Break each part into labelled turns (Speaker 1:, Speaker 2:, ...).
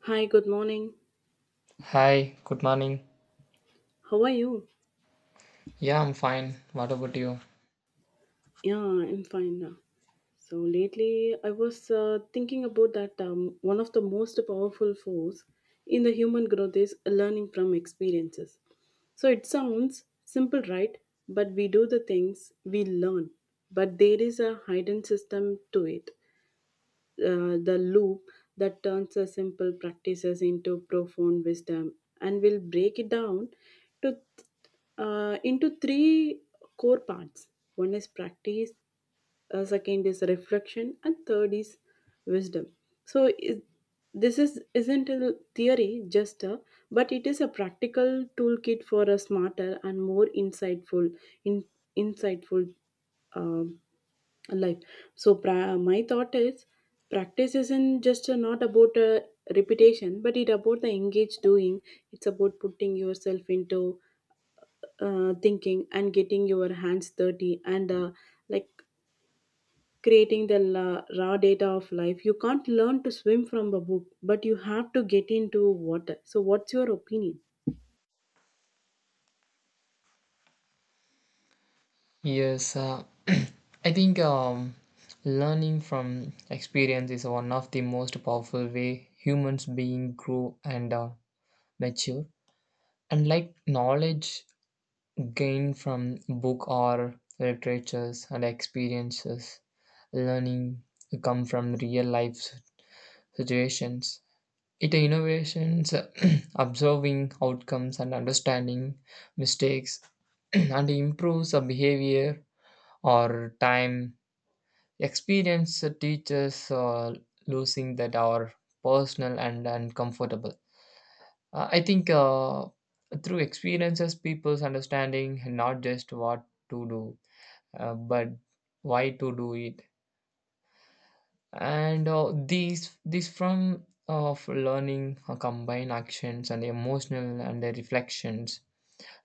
Speaker 1: Hi, good morning.
Speaker 2: Hi, good morning.
Speaker 1: How are you?
Speaker 2: Yeah, I'm fine. What about you?
Speaker 1: Yeah, I'm fine now. So lately, I was thinking about that one of the most powerful force in the human growth is learning from experiences. So it sounds simple, right? But we do the things we learn, but there is a hidden system to it. The loop that turns a simple practices into profound wisdom, and we'll break it down to into three core parts. One is practice, second is reflection, and third is wisdom. so is, this is isn't a theory just a, but it is a practical toolkit for a smarter and more insightful in, insightful um, life. My thought is practice isn't just not about repetition, but it about the engaged doing. It's about putting yourself into thinking and getting your hands dirty and like creating the raw data of life. You can't learn to swim from a book, but you have to get into water. So what's your opinion?
Speaker 2: Yes, I think learning from experience is one of the most powerful way humans being grow and mature. And like knowledge gained from book or literatures and experiences, learning come from real life situations. It innovations observing outcomes and understanding mistakes. And improves our behavior or time. Experience teaches losing that are personal and uncomfortable. I think through experiences, people's understanding not just what to do, but why to do it, and uh, these from of learning combine actions and emotional and the reflections.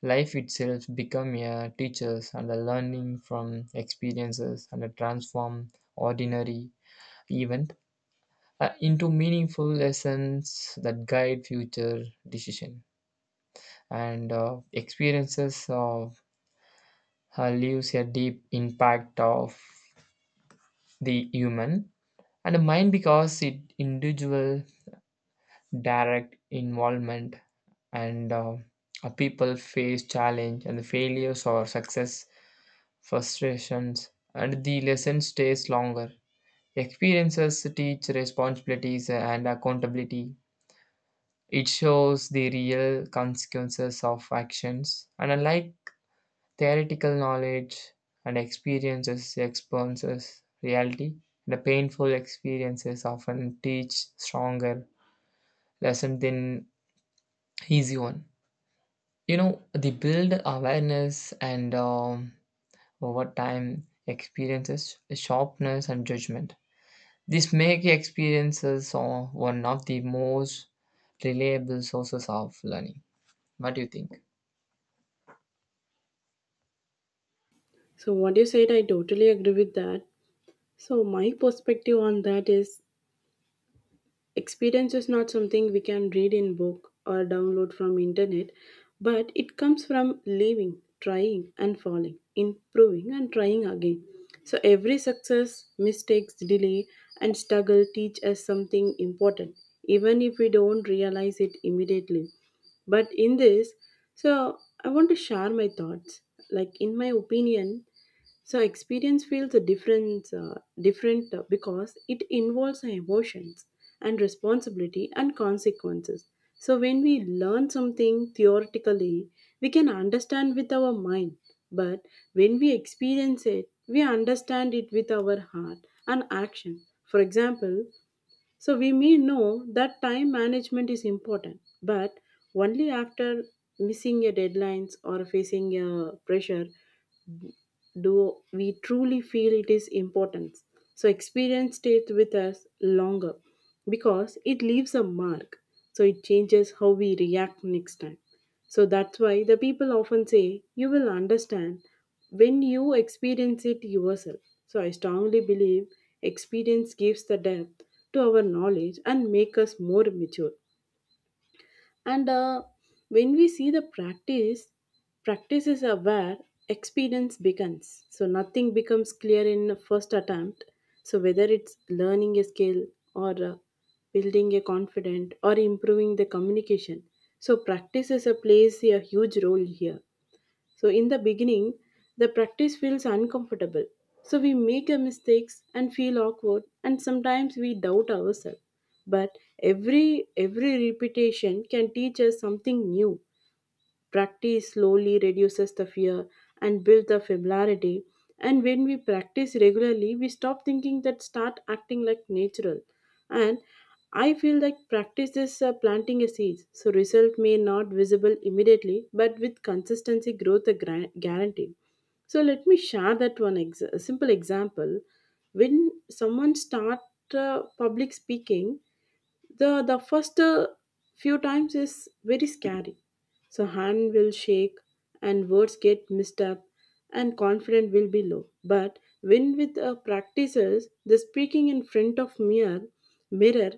Speaker 2: Life itself become a teachers, and the learning from experiences and the transform ordinary event into meaningful lessons that guide future decision. And experiences of leaves a deep impact of the human and the mind because it individual direct involvement. And People face challenge and the failures or success frustrations, and the lesson stays longer. Experiences teach responsibilities and accountability. It shows the real consequences of actions, and unlike theoretical knowledge and experiences reality, the painful experiences often teach stronger lesson than easy one, you know, they build awareness. And Over time, experiences sharpness and judgment, these make experiences are one of the most reliable sources of learning. What do you think?
Speaker 1: So what you said, I totally agree with that. So my perspective on that is experience is not something we can read in book or download from internet, but it comes from living, trying and falling, improving and trying again. So every success, mistakes, delay and struggle teach us something important, even if we don't realize it immediately. But in this, so I want to share my thoughts. Like in my opinion, so experience feels a different, different because it involves our emotions and responsibility and consequences. So, when we learn something theoretically, we can understand with our mind, but when we experience it, we understand it with our heart and action. For example, so we may know that time management is important, but only after missing a deadlines or facing a pressure do we truly feel it is important. So experience stays with us longer because it leaves a mark. So it changes how we react next time. So that's why the people often say you will understand when you experience it yourself. So I strongly believe experience gives the depth to our knowledge and make us more mature and when we see the practice is where experience begins. So nothing becomes clear in the first attempt. So whether it's learning a skill or building a confident or improving the communication, so practice is a plays a huge role here. So, in the beginning, the practice feels uncomfortable. So, we make a mistakes and feel awkward, and sometimes we doubt ourselves. But every repetition can teach us something new. Practice slowly reduces the fear and builds the familiarity. And when we practice regularly, we stop thinking that start acting like natural. And I feel like practice is planting a seed. So result may not visible immediately, but with consistency, growth a guarantee. So let me share that a simple example. When someone start public speaking, the first few times is very scary. So hand will shake and words get mixed up and confidence will be low. But when with practices the speaking in front of mirror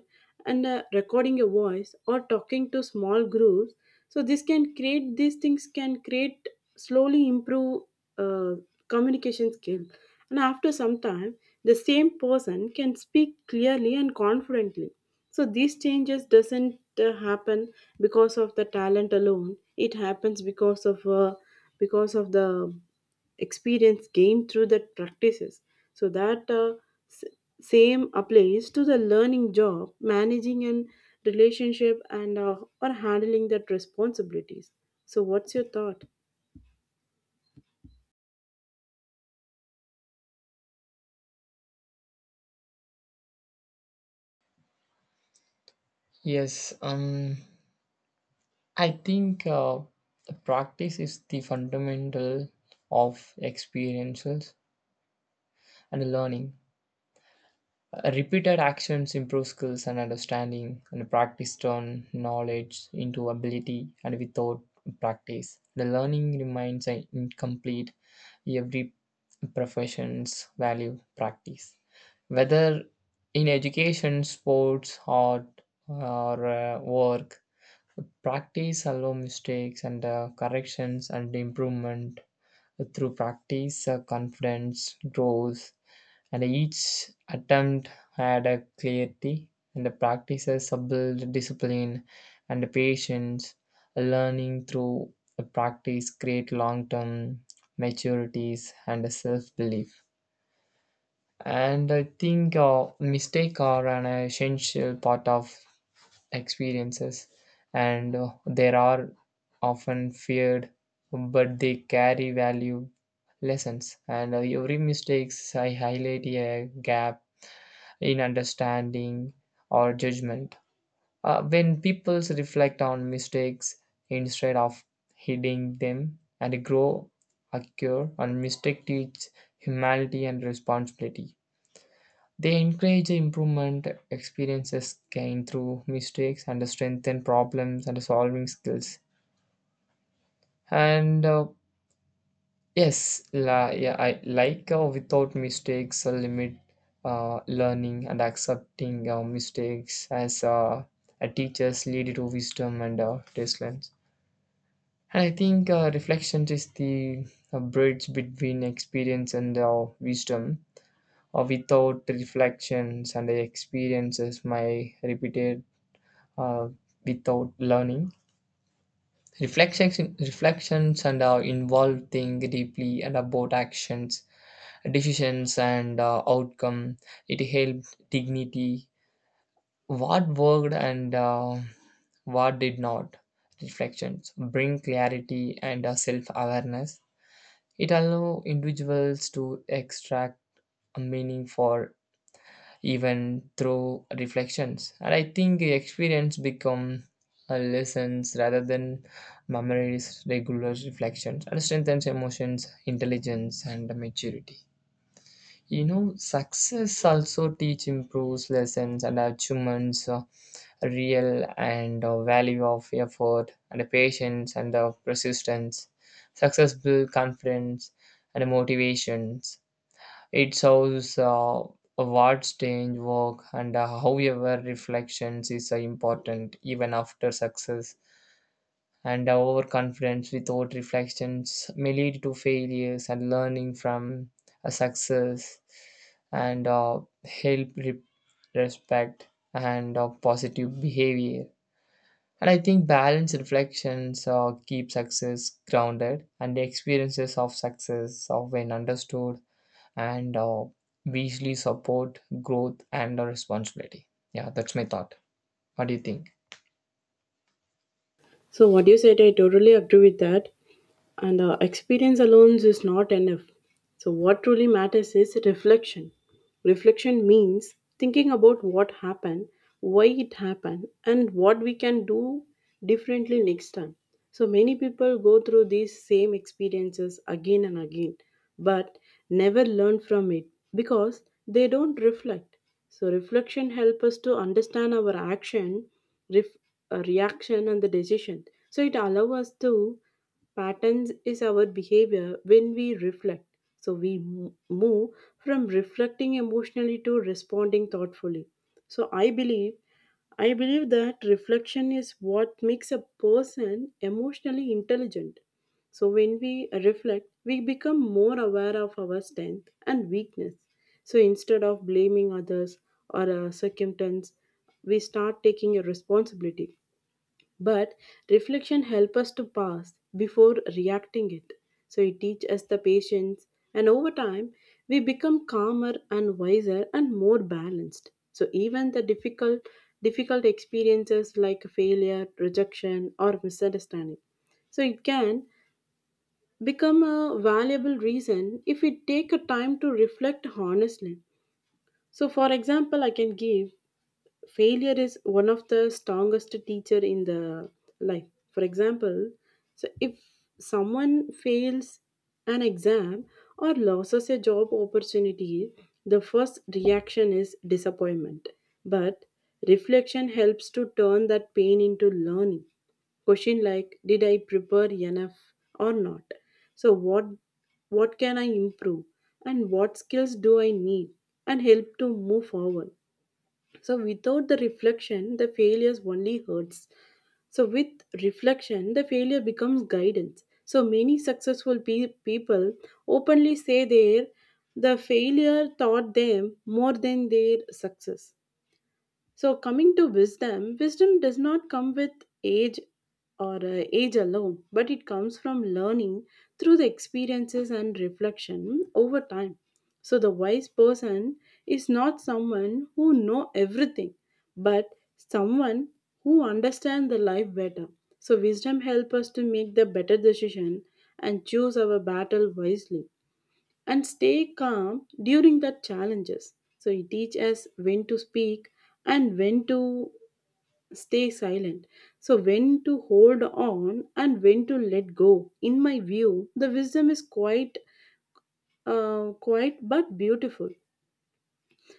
Speaker 1: and recording a voice or talking to small groups, so this can create these things can create slowly improve uh, communication skill. And after some time the same person can speak clearly and confidently. So these changes doesn't happen because of the talent alone. It happens because of because of the experience gained through the practices. So that s- same applies to the learning job, managing and relationship, and or handling that responsibilities. So what's your thought?
Speaker 2: Yes. Um i think the practice is the fundamental of experiences and learning. Repeated actions improve skills and understanding, and practice turn knowledge into ability, and without practice, the learning remains incomplete. Every profession's value practice. Whether in education, sports, art, or work, practice allow mistakes and corrections and improvement. Through practice, confidence grows, and each attempt had a clarity, and the practices build discipline and patience. Learning through the practice create long-term maturities and self-belief. And I think mistake are an essential part of experiences, and there are often feared but they carry value lessons, and every mistakes I highlight a gap in understanding or judgment. When people reflect on mistakes instead of hiding them and grow, occur, and mistake teach humanity and responsibility. They encourage improvement experiences gained through mistakes and strengthen problems and solving skills. And yeah, I like without mistakes, limit learning, and accepting mistakes as a teachers lead to wisdom and discipline. And I think reflection is the bridge between experience and wisdom. Without reflections and the experiences, my repeated uh, without learning. Reflections and involve think deeply and about actions decisions and outcome. It helped dignity what worked and what did not. Reflections bring clarity and self-awareness. It allows individuals to extract a meaning for even through reflections, and I think experience become lessons rather than memories. Regular reflections and strengthens emotions intelligence and maturity. You know, success also teach improves lessons and achievements, real and value of effort and the patience and the persistence. Success build confidence and motivations. It shows what change work, and however reflections is important even after success, and overconfidence without reflections may lead to failures, and learning from a success and uh, help re- respect and positive behavior. And I think balanced reflections keep success grounded, and the experiences of success are when understood and visually support growth and responsibility. Yeah, that's my thought. What do you think?
Speaker 1: So what you said, I totally agree with that. And experience alone is not enough. So what truly matters is reflection. Reflection means thinking about what happened, why it happened and what we can do differently next time. So many people go through these same experiences again and again, but never learn from it because they don't reflect. So, reflection helps us to understand our action, ref- reaction, and the decision. So, it allows us to patterns is our behavior when we reflect. So, we move from reflecting emotionally to responding thoughtfully. So, I believe that reflection is what makes a person emotionally intelligent. So, when we reflect, we become more aware of our strength and weakness. So, instead of blaming others or circumstance, we start taking a responsibility. But reflection help us to pass before reacting it. So it teach us the patience, and over time we become calmer and wiser and more balanced. So even the difficult experiences like failure rejection or misunderstanding, so it can become a valuable reason if we take a time to reflect honestly. So for example, I can give, failure is one of the strongest teacher in the life. For example, so if someone fails an exam or loses a job opportunity, the first reaction is disappointment. But reflection helps to turn that pain into learning. Question like, did I prepare enough or not? So what can I improve and what skills do I need and help to move forward. So without the reflection, the failures only hurts. So with reflection, the failure becomes guidance. So many successful people openly say their the failure taught them more than their success. So, coming to wisdom, wisdom does not come with age or age alone, but it comes from learning through the experiences and reflection over time. So, the wise person is not someone who know everything, but someone who understand the life better. So, wisdom help us to make the better decision and choose our battle wisely and stay calm during the challenges. So it teaches us when to speak and when to stay silent. So when to hold on and when to let go. In my view, the wisdom is quite but beautiful.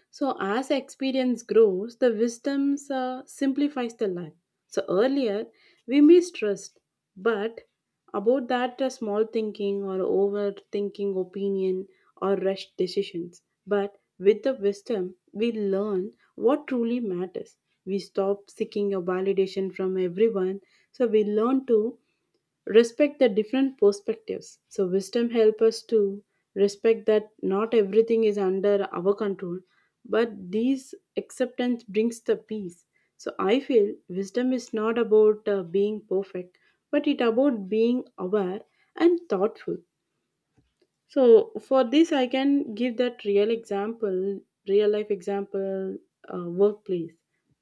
Speaker 1: So as experience grows, the wisdom simplifies the life. So earlier we mistrust, but about that small thinking or overthinking opinion or rushed decisions. But with the wisdom, we learn what truly matters. We stop seeking a validation from everyone. So we learn to respect the different perspectives. So wisdom help us to respect that not everything is under our control, but these acceptance brings the peace. So I feel wisdom is not about being perfect, but it about being aware and thoughtful. So for this, I can give that real example, real life example, workplace.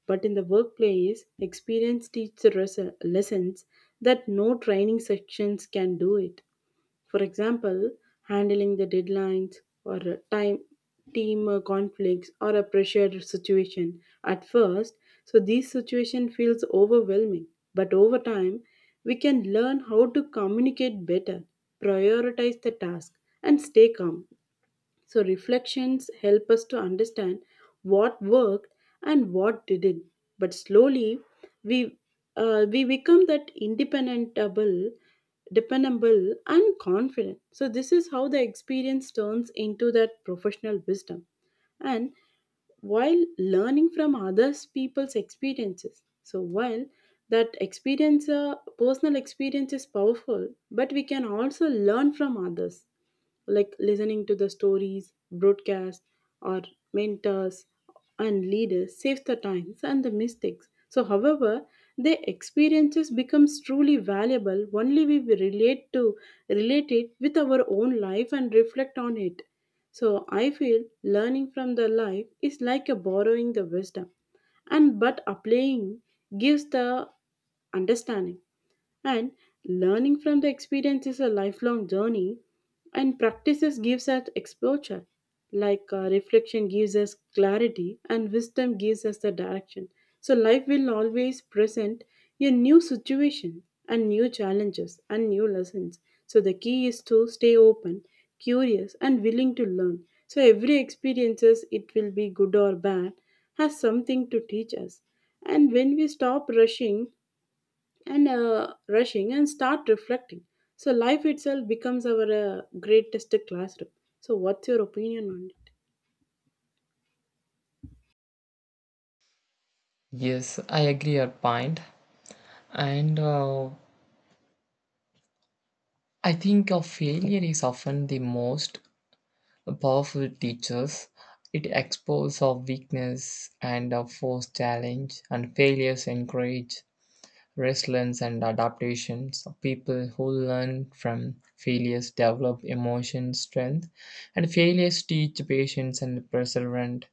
Speaker 1: But in the workplace, experience teaches lessons that no training sections can do it. For example, handling the deadlines or a time team conflicts or a pressured situation at first. So this situation feels overwhelming, but over time we can learn how to communicate better, prioritize the task and stay calm. So, reflections help us to understand what worked and what didn't. But slowly, we, we become that independentable, dependable, and confident. So, this is how the experience turns into that professional wisdom. And while learning from others people's experiences, so while that experience personal experience is powerful, but we can also learn from others like listening to the stories, broadcasts, or mentors and leaders saves the times and the mistakes. So, however, their experiences becomes truly valuable only we will relate it with our own life and reflect on it. So, I feel learning from the life is like a borrowing the wisdom, and but applying gives the understanding. And learning from the experience is a lifelong journey, and practices gives us exposure. Like reflection gives us clarity, and wisdom gives us the direction. So, life will always present a new situation, and new challenges, and new lessons. So, the key is to stay open, curious, and willing to learn. So, every experiences, it will be good or bad, has something to teach us. And when we stop rushing and rushing and start reflecting. So life itself becomes our greatest classroom. So what's your opinion on it?
Speaker 2: Yes, I agree your point. And I think of failure is often the most powerful teachers. It exposes our weakness and our forced challenge, and failures encourage resilience and adaptations. People who learn from failures develop emotion strength, and failures teach patience and perseverance.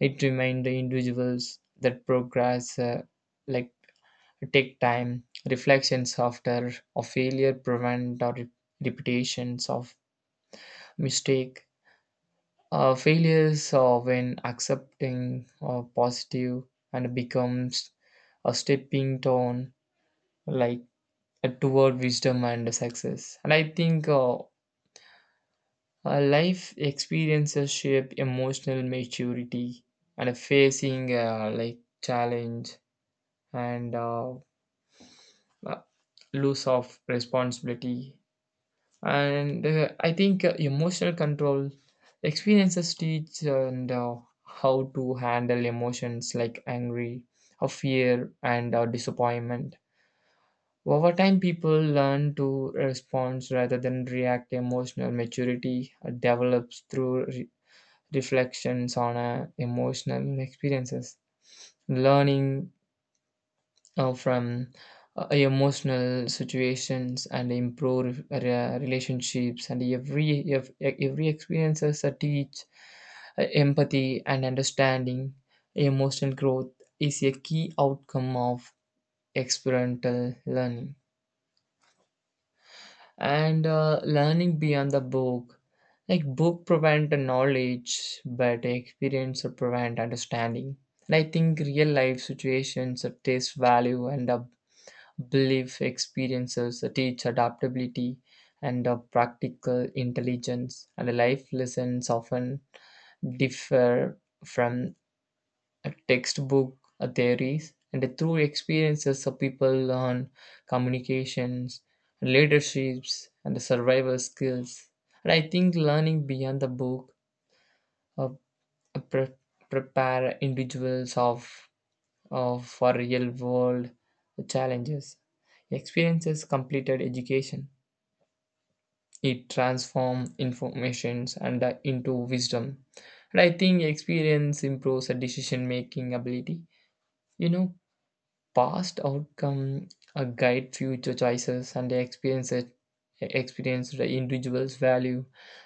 Speaker 2: It reminds the individuals that progress, like, take time. Reflections after a failure prevent our repetitions of mistake. Failures when accepting positive and becomes a stepping stone, like, toward wisdom and success. And I think life experiences shape emotional maturity and facing like challenge and uh, loss of responsibility, and I think emotional control experiences teach and how to handle emotions like angry or fear and disappointment. Over time, people learn to respond rather than react. Emotional maturity develops through reflections on emotional experiences, learning from emotional situations and improve relationships, and every experiences that teach empathy and understanding. Emotional growth is a key outcome of experimental learning. And learning beyond the book, like book provide the knowledge but experience or provide understanding. And I think real life situations of this value, and belief experiences teach adaptability and a practical intelligence, and life lessons often differ from textbook theories. And through experiences, of people learn communications, leaderships, and survival skills. And I think learning beyond the book uh, pre- prepare individuals of for real world challenges. Experiences completed education. It transforms informations and into wisdom. And I think experience improves a decision making ability. You know, past outcome guide future choices, and the experiences experience the individual's value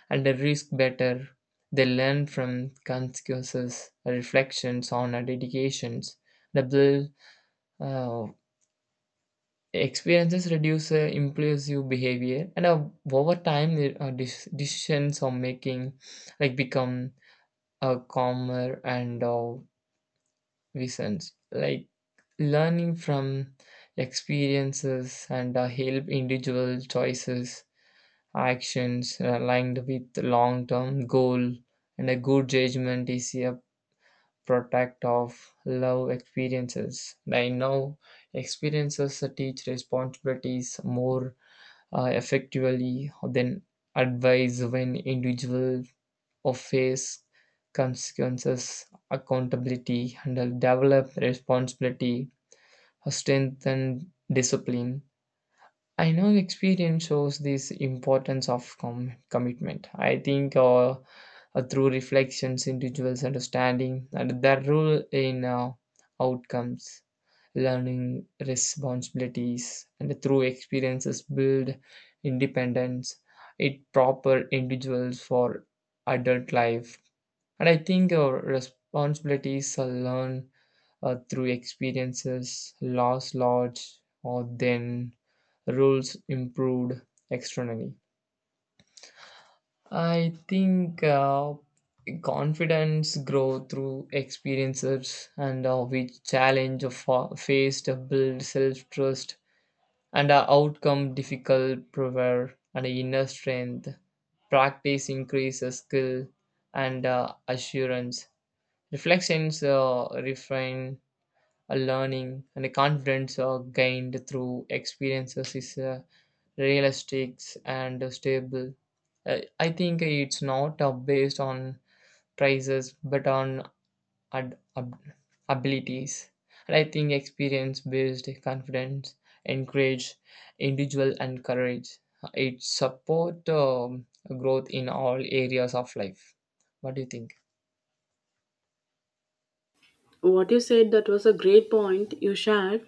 Speaker 2: and the risk better. They learn from consequences, reflections on our dedications, the build uh, experiences reduce impulsive behavior, and over time, the decisions are making, like, become calmer and visions. Like learning from experiences and help individual choices, actions aligned with long-term goal, and a good judgment is a product of love experiences. I know experiences teach responsibilities more effectively than advice. When individuals face consequences, accountability, and develop responsibility, strength, and discipline. I know experience shows this importance of commitment. I think through reflections, individuals understanding and their role in outcomes, learning responsibilities, and through experiences build independence. It proper individuals for adult life. And I think our responsibilities are learned through experiences loss lodged or then rules improved externally. I think confidence grow through experiences, and we challenge of faced build self trust and a outcome difficult prayer and a inner strength. Practice increases skill and assurance. Reflections refine a learning, and a confidence gained through experiences is realistic and stable. I think it's not based on prices but on ad- ab- abilities. And I think experience based confidence encourage individual and courage. It support growth in all areas of life. What do you think?
Speaker 1: What you said that was a great point you shared.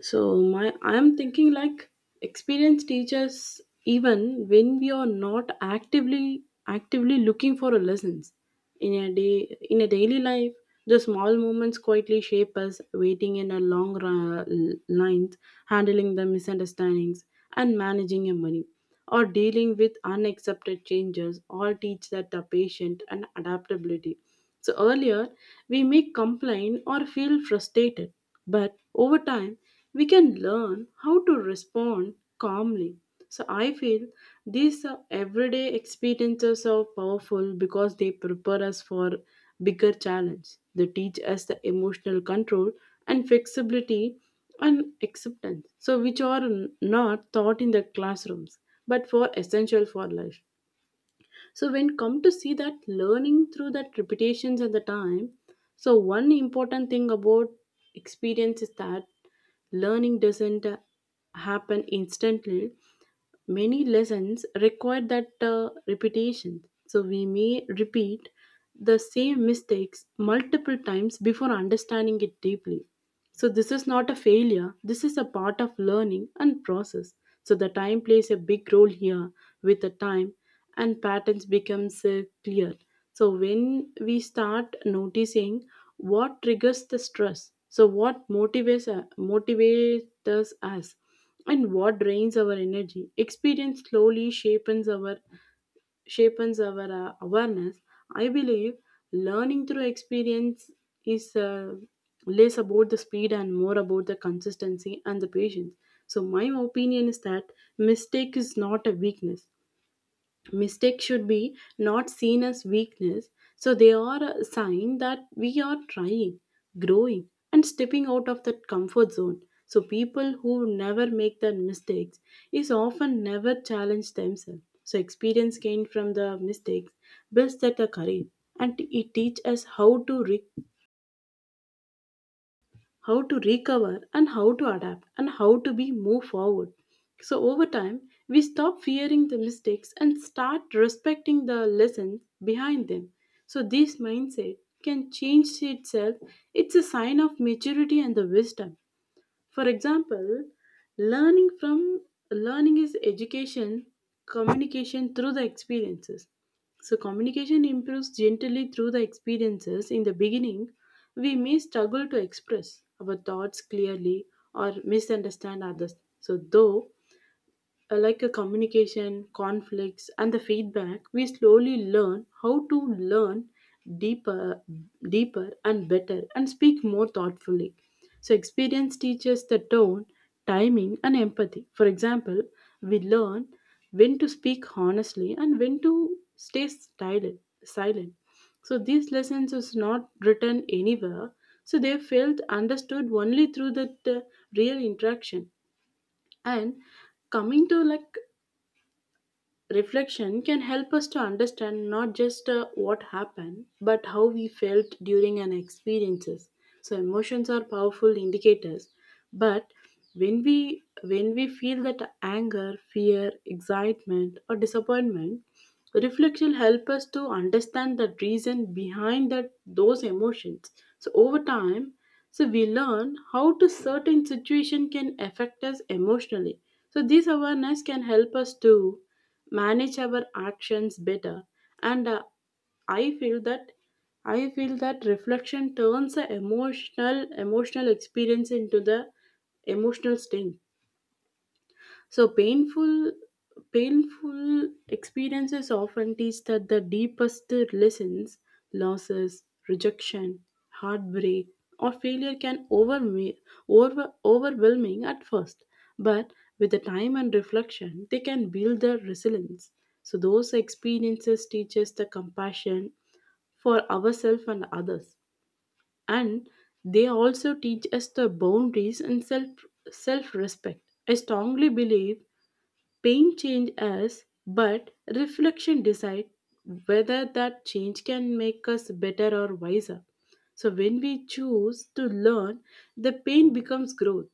Speaker 1: So my I am thinking like experienced teachers even when we are not actively looking for a lessons in a daily life. The small moments quietly shape us, waiting in a long lines, handling the misunderstandings and managing your money or dealing with unaccepted changes all teach that the patient and adaptability. So earlier we may complain or feel frustrated, but over time we can learn how to respond calmly. So I feel these everyday experiences are powerful because they prepare us for bigger challenge. They teach us the emotional control and flexibility and acceptance. So which are not taught in the classrooms but for essential for life, so when come to see that learning through that repetitions and the time. So one important thing about experience is that learning doesn't happen instantly. Many lessons require that repetition, so we may repeat the same mistakes multiple times before understanding it deeply. So, this is not a failure, this is a part of learning and process. So, the time plays a big role here. With the time and patterns becomes clear. So, when we start noticing what triggers the stress, so what motivates, motivates us, and what drains our energy, experience slowly shapes our awareness. I believe learning through experience is less about the speed and more about the consistency and the patience. So, my opinion is that mistake is not a weakness. Mistakes should be not seen as weakness, so they are a sign that we are trying, growing, and stepping out of that comfort zone. So people who never make the mistakes is often never challenge themselves. So experience gained from the mistakes builds that the courage, and it teaches us how to recover, and how to adapt, and how to be move forward. So over time we stop fearing the mistakes and start respecting the lessons behind them. So this mindset can change itself, it's a sign of maturity and the wisdom. For example, learning from learning is education, communication through the experiences. So communication improves gently through the experiences. In the beginning, we may struggle to express our thoughts clearly or misunderstand others. So though like a communication, conflicts, and the feedback, we slowly learn how to learn deeper, deeper and better, and speak more thoughtfully. So, experience teaches the tone, timing, and empathy. For example, we learn when to speak honestly and when to stay silent. Silent. So these lessons is not written anywhere. So they felt understood only through that real interaction. And coming to like, reflection can help us to understand not just what happened, but how we felt during an experiences. So emotions are powerful indicators, but when we feel that anger, fear, excitement, or disappointment, reflection help us to understand the reason behind that those emotions. So over time, so we learn how to certain situation can affect us emotionally. So this awareness can help us to manage our actions better, and i feel that I feel that reflection turns the emotional emotional experience into the emotional sting. So painful painful experiences often teach that the deepest lessons, losses, rejection, heartbreak, or failure can overwhelm, overwhelming at first, but with the time and reflection, they can build their resilience. So those experiences teach us the compassion for ourselves and others, and they also teach us the boundaries and self self respect. I strongly believe pain change us, but reflection decide whether that change can make us better or wiser. So when we choose to learn, the pain becomes growth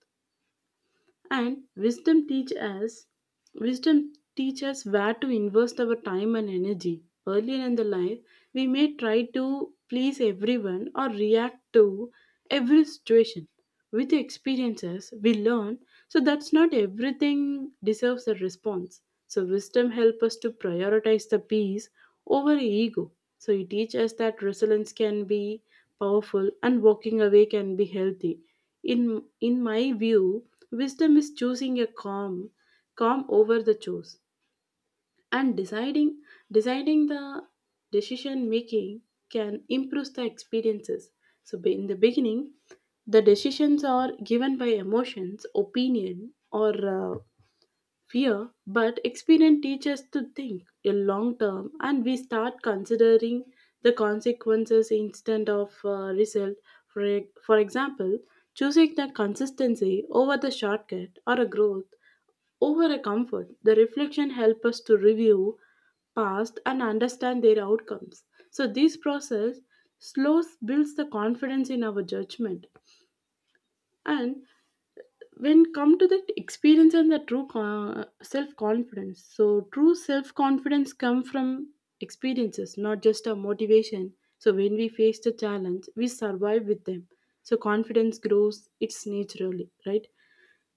Speaker 1: and wisdom teach us. Wisdom teaches where to invest our time and energy. Earlier in the life, we may try to please everyone or react to every situation. With experiences, we learn so that's not everything deserves a response. So wisdom helps us to prioritize the peace over ego. So it teaches us that resilience can be powerful and walking away can be healthy. In my view, wisdom is choosing a calm calm over the chores, and deciding the decision making can improve the experiences. So in the beginning the decisions are given by emotions opinion or uh, fear, but experience teaches us to think a long term and we start considering the consequences instead of result. For example, choosing the consistency over the shortcut or a growth over a comfort. The reflection helps us to review past and understand their outcomes. So this process slows builds the confidence in our judgment. And when come to that experience and the self confidence, so true self confidence come from experiences, not just a motivation. So when we face the challenge we survive with them, so confidence grows, it's naturally right.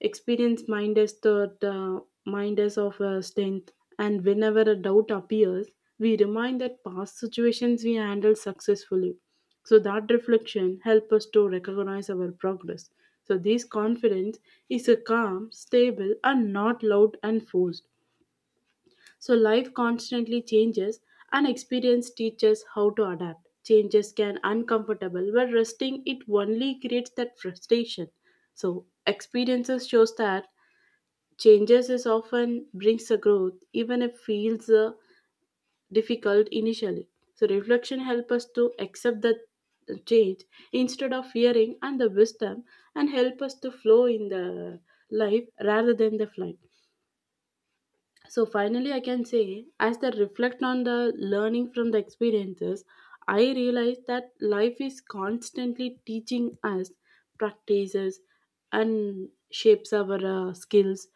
Speaker 1: Experience mind us the mind us of strength, and whenever a doubt appears, we remind that past situations we handled successfully. So that reflection helps us to recognize our progress. So this confidence is a calm, stable, and not loud and forced. So life constantly changes, and experience teaches how to adapt. Changes can uncomfortable, but resting it only creates that frustration. So experiences shows that changes is often brings a growth even if feels difficult initially. So reflection help us to accept the change instead of fearing, and the wisdom and help us to flow in the life rather than the flight. So finally, I can say, as I reflect on the learning from the experiences, I realize that life is constantly teaching us practices and shapes our skills,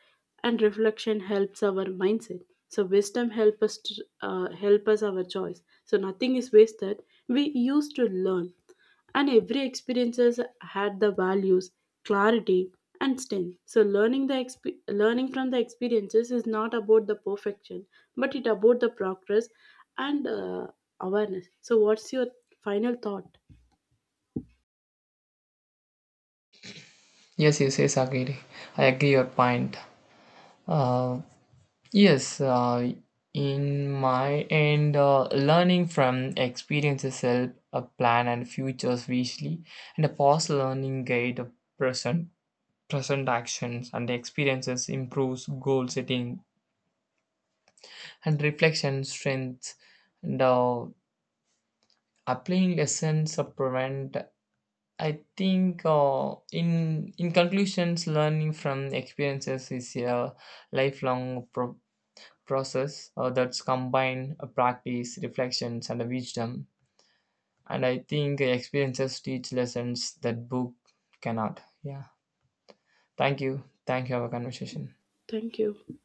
Speaker 1: and reflection helps our mindset. So wisdom help us to, help us our choice. So nothing is wasted. We used to learn, and every experiences had the values, clarity, and strength. So learning from the experiences is not about the perfection, but it about the progress and awareness. So what's your final thought?
Speaker 2: Yes, yes, yes, agree. I agree your point. Uh, yes, in my end, learning from experiences help a plan and futures visually, and a past learning guide a present present actions, and experiences improves goal setting and reflection strengths, and applying lessons of prevent. I think in conclusions, learning from experiences is a lifelong process that's combined practice reflections and wisdom. And I think experiences teach lessons that book cannot. Yeah, thank you. Thank you for our conversation.
Speaker 1: Thank you.